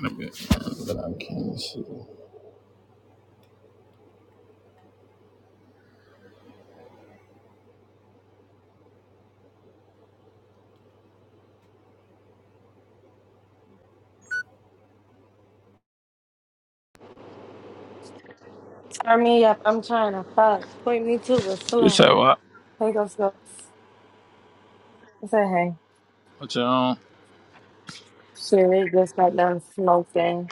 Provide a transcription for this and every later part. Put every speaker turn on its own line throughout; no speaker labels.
in a bit. But I can't see.
Turn me up. I'm trying to fuck. Point me to a
You
slut.
said what?
Hey, go smokes. I said, hey.
What you on?
Shit, it just got done smoking.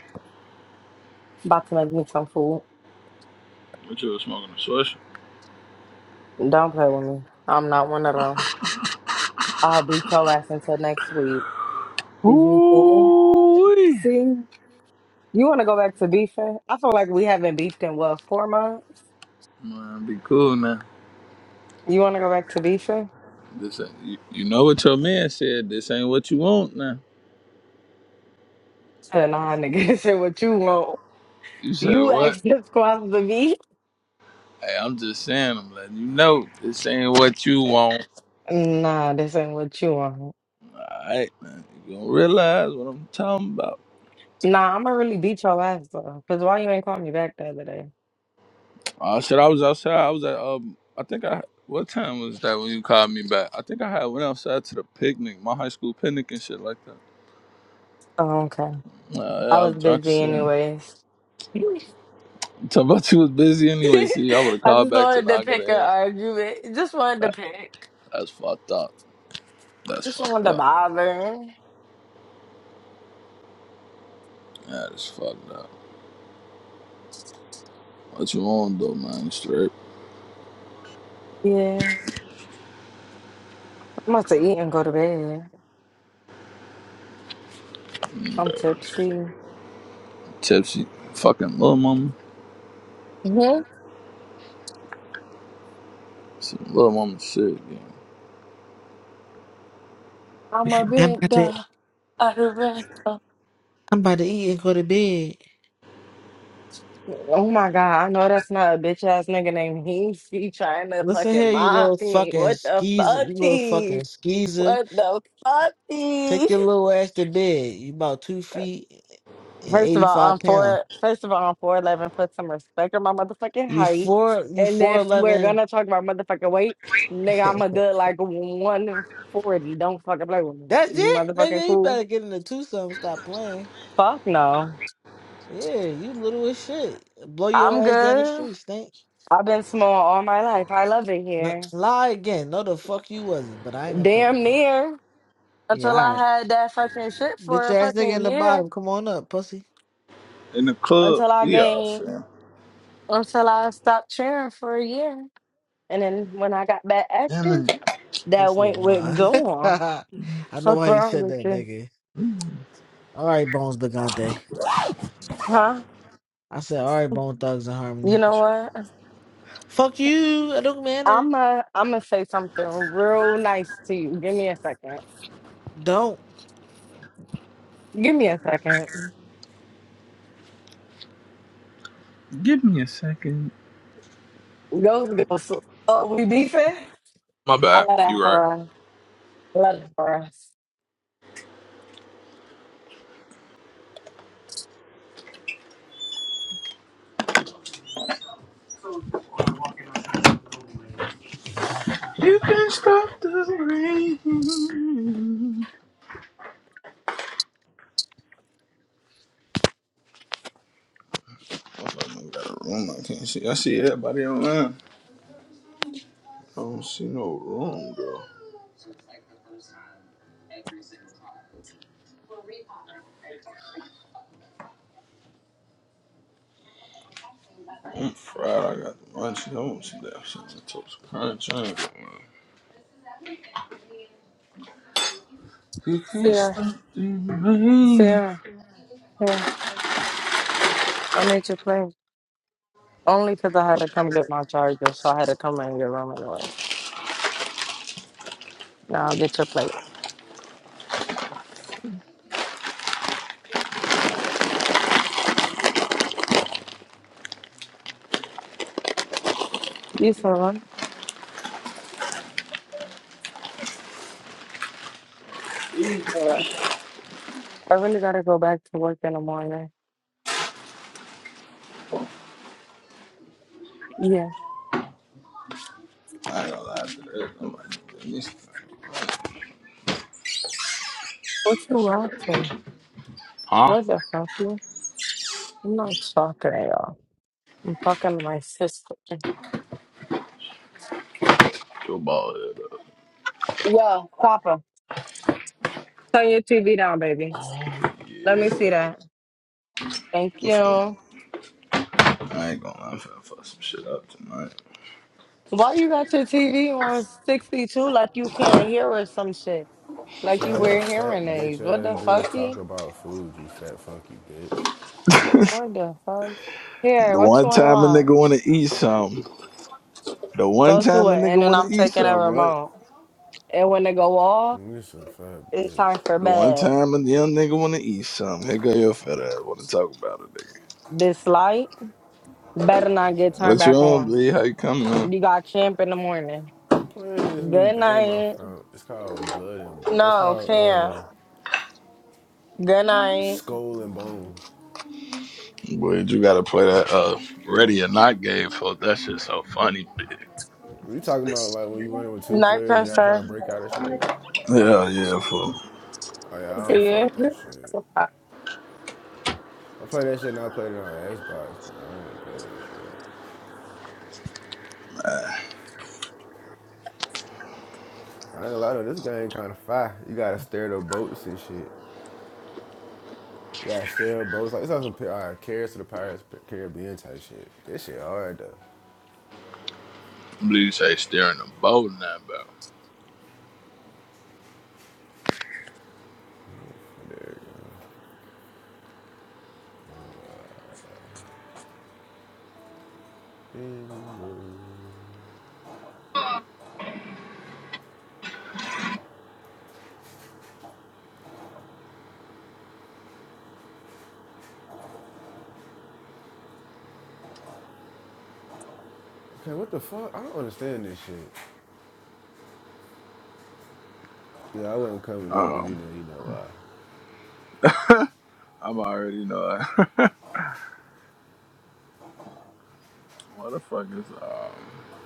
About to make me some food.
What you was smoking a swish?
Don't play with me. I'm not one of them. I'll beat your ass until next week. Is you
Ooh.
cool? See, you want to go back to beefing? I feel like we haven't beefed in what four months.
Man, be cool now.
You want to go back to beefing?
This ain't, you, you know what your man said. This ain't what you want now.
Said, Nah, nigga, this ain't what you want.
You said
You
what?
asked this squad to beef.
Hey, I'm just saying. I'm letting you know this ain't what you want.
Nah, this ain't what you want.
All right, man. You gonna realize what I'm talking about?
Nah, I'm gonna really beat your ass though. Cause why you ain't call me back the other day?
I said I was outside. I was at um. I think I. What time was that when you called me back? I think I had went outside to the picnic, my high school picnic and shit like that.
Oh, okay.
Nah, yeah,
I
I
was
was drunk as
busy
shit.
anyways. I
about you was busy anyway. See, I would have called
just
back to
wanted to
knock it
pick an
ass.
argument. Just wanted to
That,
pick.
that's fucked up. That's
Just
fucked
wanted to
up.
bother.
That is fucked up. What you on though, man? You Straight
Yeah. I'm about to eat and go to bed.
Mm,
I'm tipsy.
tipsy. Fucking little mama.
hmm
Some little mama shit. Yeah.
I'm a
I'm
big
about to
dog. I of bed. dog.
I'm about to eat and go to bed.
Oh my god, I know that's not a bitch ass nigga named Heasy trying to
Listen here,
fucking
you
mock
little
me.
fucking
What the
skeezer,
fucky?
you little fucking skeezer.
What the
Take
fucky?
your little ass to bed. You about two feet and
First of
eighty
all,
five
I'm
pounds.
four. First of all, I'm four four eleven, put some respect on my motherfucking
You
height.
four you
And
four
if we're
eleven.
gonna talk about motherfucking weight, nigga, I'm a good like one forty. Don't fucking play with me.
That's
You
it?
motherfucking
Nigga, you
cool?
better get into two something, stop playing.
Fuck no.
Yeah, you little as shit. Blow your
I'm
ass down the
good.
street, stink.
I've been small all my life. I love it
No,
here.
lie again. No the fuck you wasn't, but I ain't gonna talk.
Damn near
Yeah,
until
all
I
right.
had that fucking shit
Bitch
for a
ass nigga
fucking
in the
year.
bottom, come on up, pussy.
In the club,
Until I
we out,
gained,
fam.
until I stopped cheering for a year, and then when I got back active,
He
that
said,
went with
nah.
go on.
I know
Fuck
why he
wrong
said
with
that,
you?
nigga. All right, Bones Bagante.
Huh?
I said, all right, Bone Thugs and
You
Harmony.
know what?
Fuck you. It don't matter.
I'm i am a, I'm gonna say something real nice to you. Give me a second.
Don't.
Give me a second.
Give me a second.
Those girls. Oh, we beefing?
My
I
bad.
love that
You right.
for us. I love that for us.
You can stop the rain. I got a room. I can't see. I see everybody online. I don't see no room, girl. I'm fried. I got the lunch. I want some damn shit. I took some crunch. I ain't got one. You can't
Sierra,
stop the rain.
Sierra, Yeah. I made your plate only because I had to come get my charger, so I had to come in your room anyways. Now I'll get your plate. You for one? All right. I really gotta go back to work in the morning. Yeah.
I ain't gonna lie to that. I'm like, nigga, this thing.
What you watching?
Huh?
What the fuck? I'm not talking at y'all. I'm talking to my sister.
Your ball head up.
Yo, Papa, turn your TV down, baby.
Oh,
Let me
yeah.
see that. Thank
I'm finna-
you.
I ain't gonna lie. I'm finna fuck some shit up tonight.
Why you got your TV on 62 like you can't hear or some shit? Like
So
you
your
wear
fat
hearing
bitch
aids. What the
ass dudes talk
fucky?
about food, you fat funky bitch.
What the fuck? Here,
The
what you
one
want to
time a
watch?
nigga wanna eat something. The one
Go to
time a
it, and
nigga
then
wanna
I'm
eat
taking a
something, right?
remote. And when it go off,
You some fat
it's
bitch,
time for
The one
bed.
time a young nigga wanna eat something. Here go your fat ass wanna talk about it, nigga.
This light better not
bitch
get
ass
turned
What you
back
nigga.
on,
on.
bleed? How you coming?
You got camp in the morning.
I'm playing this new
Good
game I
night.
found. It's called Blood and Bones. It's
No,
called
can't.
uh
Good night.
Skull and Bones.
Boy, you gotta play that uh ready or not game for that shit so funny. bitch.
We talking about like when you running with two
Night,
players and y'all trying to
Pastor.
break out of shit.
Yeah, yeah, fool.
Oh yeah, I don't
See
fuck
you.
that shit. I play that shit and I played it on Xbox, but I don't play that shit. I ain't gonna lie though, this game kinda fire. You gotta steer the boats and shit. Yeah, sterile boats. Like it's like some Pi- uh, Carrots to the Pirates Caribbean type shit. This shit hard though.
Blue say steering the boat and that
There you go. Okay, what the fuck? I don't understand this shit. Yeah, I wasn't coming up
bro.
because you
Um
know, you know why.
I'm already know it. what the fuck is um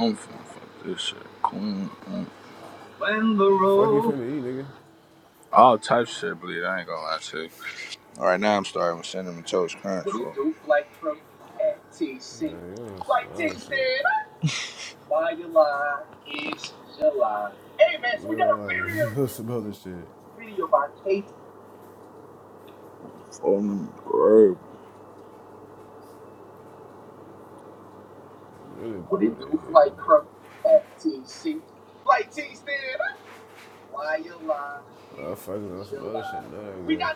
I'm finna fuck this shit. Queen um,
Fuck you finna eat, nigga.
all type shit, bleed. I ain't gonna lie to you. All right, now I'm starting with cinnamon toast crunch. fool. like
Yeah, you on some other shit. Real you on some other shit.
Um, bro.
I'm Really bored of here. Well, I'm fucking on some other shit now, I guess.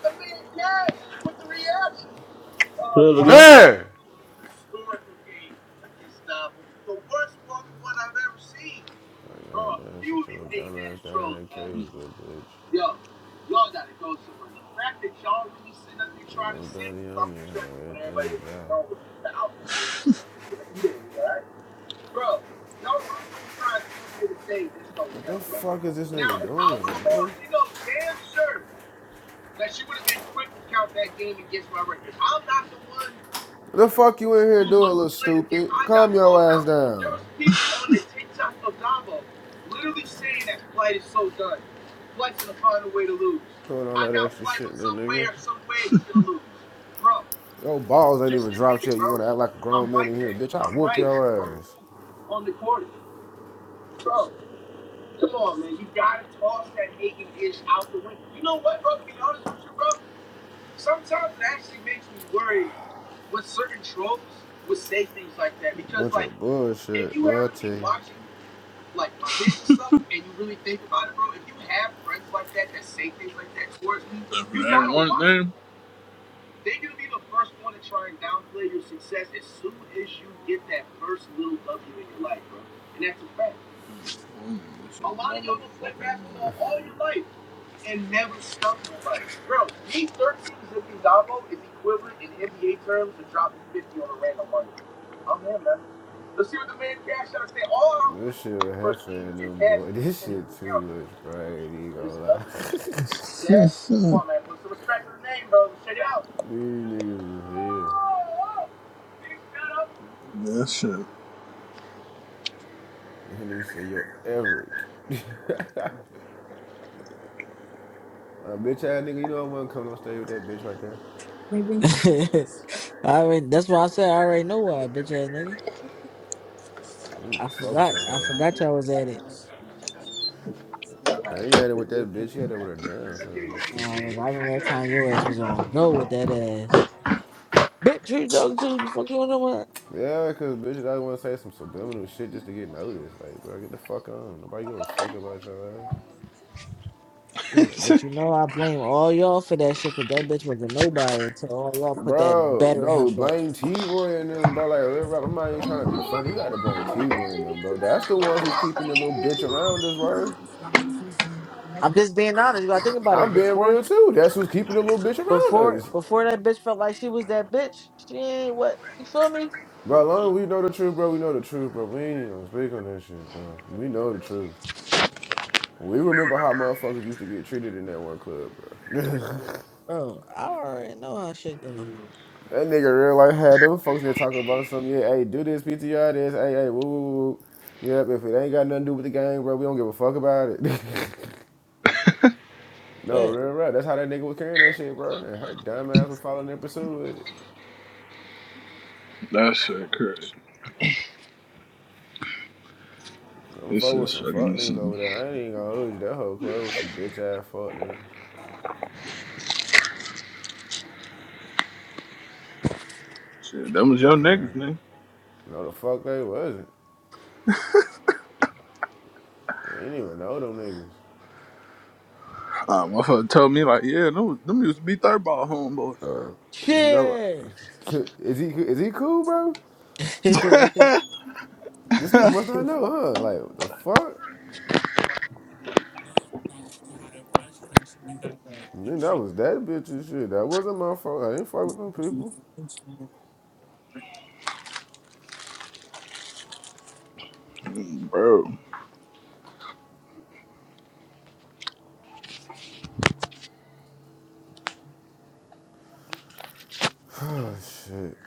Say it again.
Man!
uh,
Like, God damn, sit your little dumbass down in that cage, little bitch. Ain't nobody on there, how everything's dry. What the fuck is this nigga doing, bro? What the fuck you in here doing, little stupid? Calm your ass down. Doing all that extra shit, little nigga. Your balls ain't even dropped yet. You wanna act like a grown man in here, bitch? I whoop your ass. A Bunch of bullshit, boy. I tell you.
red one going
This shit with Heffa and them boy. This shit too much, bro. I ain't even gonna lie. These niggas is hell.
That
This nigga say, yo, Eric. Uh, bitch ass nigga, you know I wasn't coming on stage with that bitch right there.
I already, that's why I said I already know why, bitch ass nigga.
Mm,
I
fuck with
forgot.
that
I
hoe.
forgot y'all was at it.
I ain't had it with that bitch. He had it with her damn so stupid
Um, I
bitch.
remember that time your ass was on go with that ass. Bitch, who you talking to? Fuck you, no
Yeah, cause bitches I want to say some subliminal shit just to get noticed. Like, bro, get the fuck on. Nobody give a fuck about your ass.
But
shit.
you know, I blame all y'all for that shit because that bitch was a nobody until all y'all put that
Bro,
better in her
no,
butt.
blame T Roy and them, bro. Like real rap, I'm not even trying to be funny. You gotta blame T Roy and them, bro. That's the ones who's keeping the little bitch around us, bro.
I'm just being honest. You gotta think about it.
I'm being
Before,
real too. That's who's keeping the little bitch around
before,
us.
before that bitch felt like she was that bitch. She ain't what you feel me?
Bro, as long as we know the truth, bro, we know the truth, bro. We ain't even gonna speak on that shit, bro. We know the truth. We remember how motherfuckers used to get treated in that one club, bro. that
Oh, I already know how shit go.
nigga real life had them folks that talk about something. Yeah, hey, do this, PTR this. Hey, hey, woo, woo, woo. Yep, if it ain't got nothing to do with the game, bro, we don't give a fuck about it. no,
But
real rap. That's how that nigga was carrying that shit, bro. And her dumb ass was following and pursuing it.
That shit crazy.
Some
This
folk with
is
some
fucking
fuck niggas
insane.
over there. I ain't even gonna hold you. That whole club was some bitch ass fuck niggas.
Shit, them was your niggas,
Okay.
nigga.
No, the fuck they wasn't. I didn't even know them
Uh, my father told me like, yeah, them, them used to be third ball homeboys.
niggas. Uh, no,
shit.
is he is he cool, bro? This nigga must not know, huh? Like the fuck? Man, that was that bitch and shit. That wasn't my fault. I didn't fuck with them people.
Mm, Bro,
Oh shit.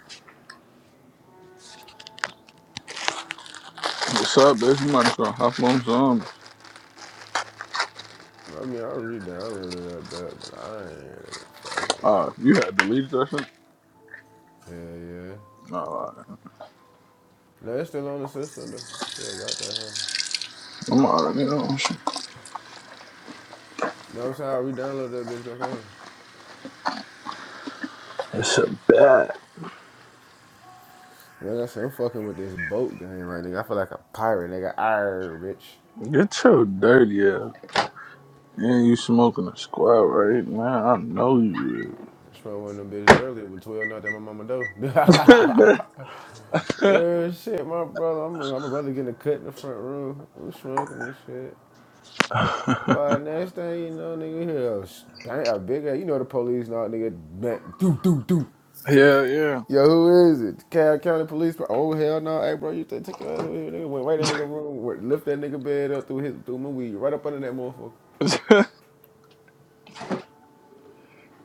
what's up, bitch? You might as well hop on some.
I mean, I re-downloaded that bad, but I ain't really been fucking
Uh,
with it.
you had deleted that shit?
Yeah, yeah.
No.
No, it's still on the system though. Still got that, huh?
I'm already on shit.
No, it's how I re-downloaded that bitch back on.
It's a bad.
Like I said, I'm fucking with this boat game. Like nigga, I feel like a pirate. Nigga, I rich.
Get your dirty ass. Yeah, you smoking a squat right now. I know you.
I smoked one of them bitches earlier with 12 knocked at my mama door. Real shit, my brother. I'm my brother getting a cut in the front room. I'm smoking this shit. But next thing you know, nigga, we hear a s- bang, a big ass. You know the police now, nigga. Bang, do do do.
is. Yeah, yeah.
Yo, who is it? Cal County Police. Pro- Oh hell no, hey bro, you take take your ass over here, nigga. Went right in that nigga room, went- lift that nigga bed up through his through my weed, right up under that motherfucker.
I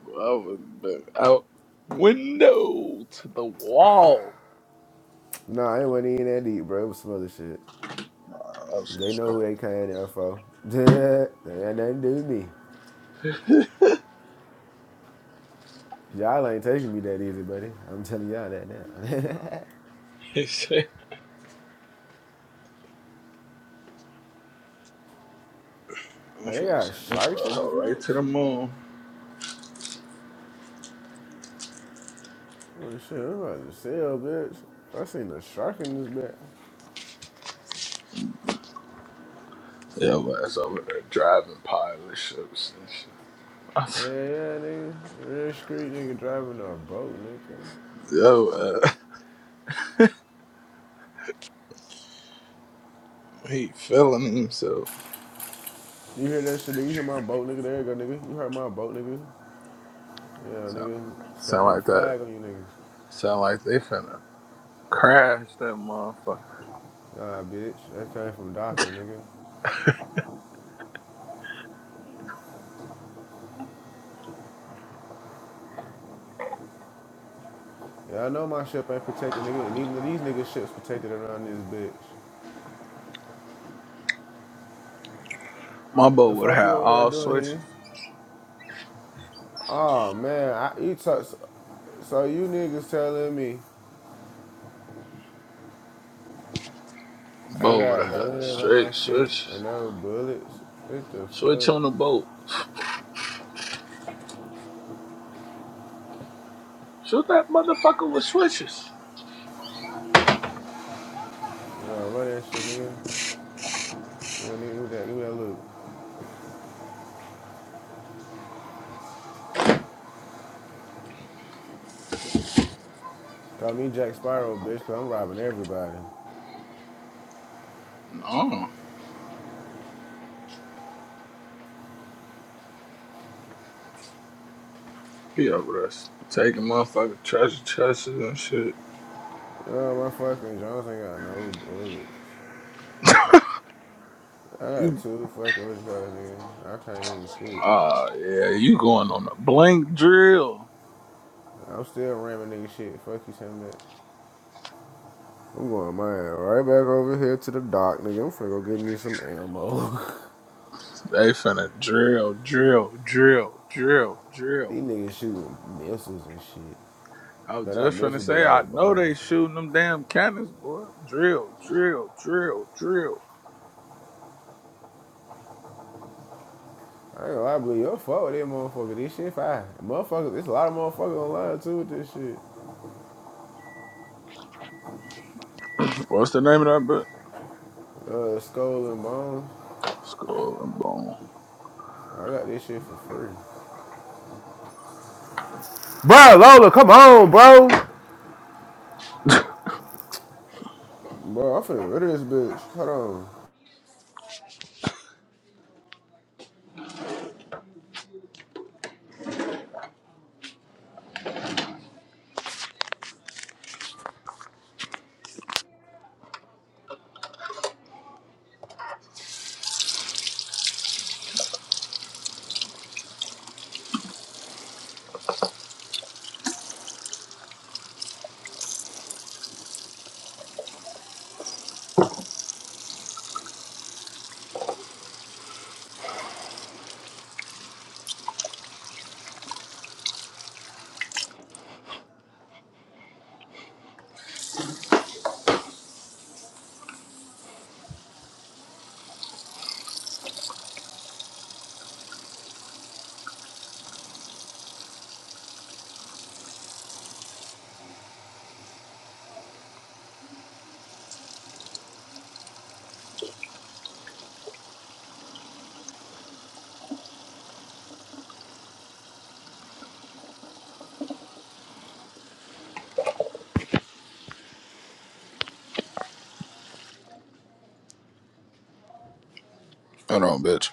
was the out window to the wall.
Nah, it wasn't even that deep, bro. It was some other shit.
I was
They know
so
who they came there for. they ain't nothing to do with me. Y'all ain't taking me that easy, buddy. I'm telling y'all that now.
shit. I'm
Like, they
finna
got
shit this
sharks in this
butthole right to
bitch?
the moon.
Oh shit, I'm about to sell, bitch. I seen a shark in this bitch.
Yo, ass over there driving pilot ships and shit.
Hey, yeah, nigga. Real street nigga driving a boat, nigga.
Yo, uh, he feeling himself.
You hear that shit, nigga? You hear my boat, nigga? There you go, nigga. You heard my boat, nigga? Yeah,
Sound,
nigga. Set
sound like
that
that.
flag on you, niggas.
Sound like they finna. Crash that motherfucker.
Nah, bitch. That came from docking, nigga. Yeah, I know my ship ain't protected, nigga. And even these niggas' ships protected around this bitch.
My boat
The
would have
fuck
had
you over there
all
doing
switches.
here? Oh, man. I, you talk, so so you niggas telling me. I
Boat would
got
have had
guns on my
straight
shit
switches.
and no bullets. What the
Switch on the
fuck?
boat. Shoot that motherfucker with switches.
You know, run that shit, nigga. You know, nigga, give me that, give me that look. Call me Jack Sparrow, bitch, cause I'm robbing everybody.
No. He over there taking motherfucker treasure chests and shit.
You know, my fucking Jones ain't got no bullets. I got
You,
two fucking witch cards, nigga. I can't even shoot.
ah, yeah, you going on a blank drill.
I'm still ramming nigga shit. Fuck you, saying that. I'm going my ass right back over here to the dock, nigga. I'm finna go get me some ammo.
They finna drill, drill, drill, drill, drill.
These niggas shooting missiles and shit.
I was
No, not
just finna
missiles, but
say, I
like
know
bombs.
they shooting them damn cannons, boy. Drill, drill, drill, drill.
I ain't gonna lie, but your fuck with that motherfucker. This shit fine. Motherfuckers, there's a lot of motherfuckers online too with this shit.
What's the name of that? book?
Uh, Skull and Bones.
Skull and bone.
I got this shit for free. Bro, Lola, come on, bro. Bro, I'm finna rid of this bitch. Hold on.
Hold on, bitch.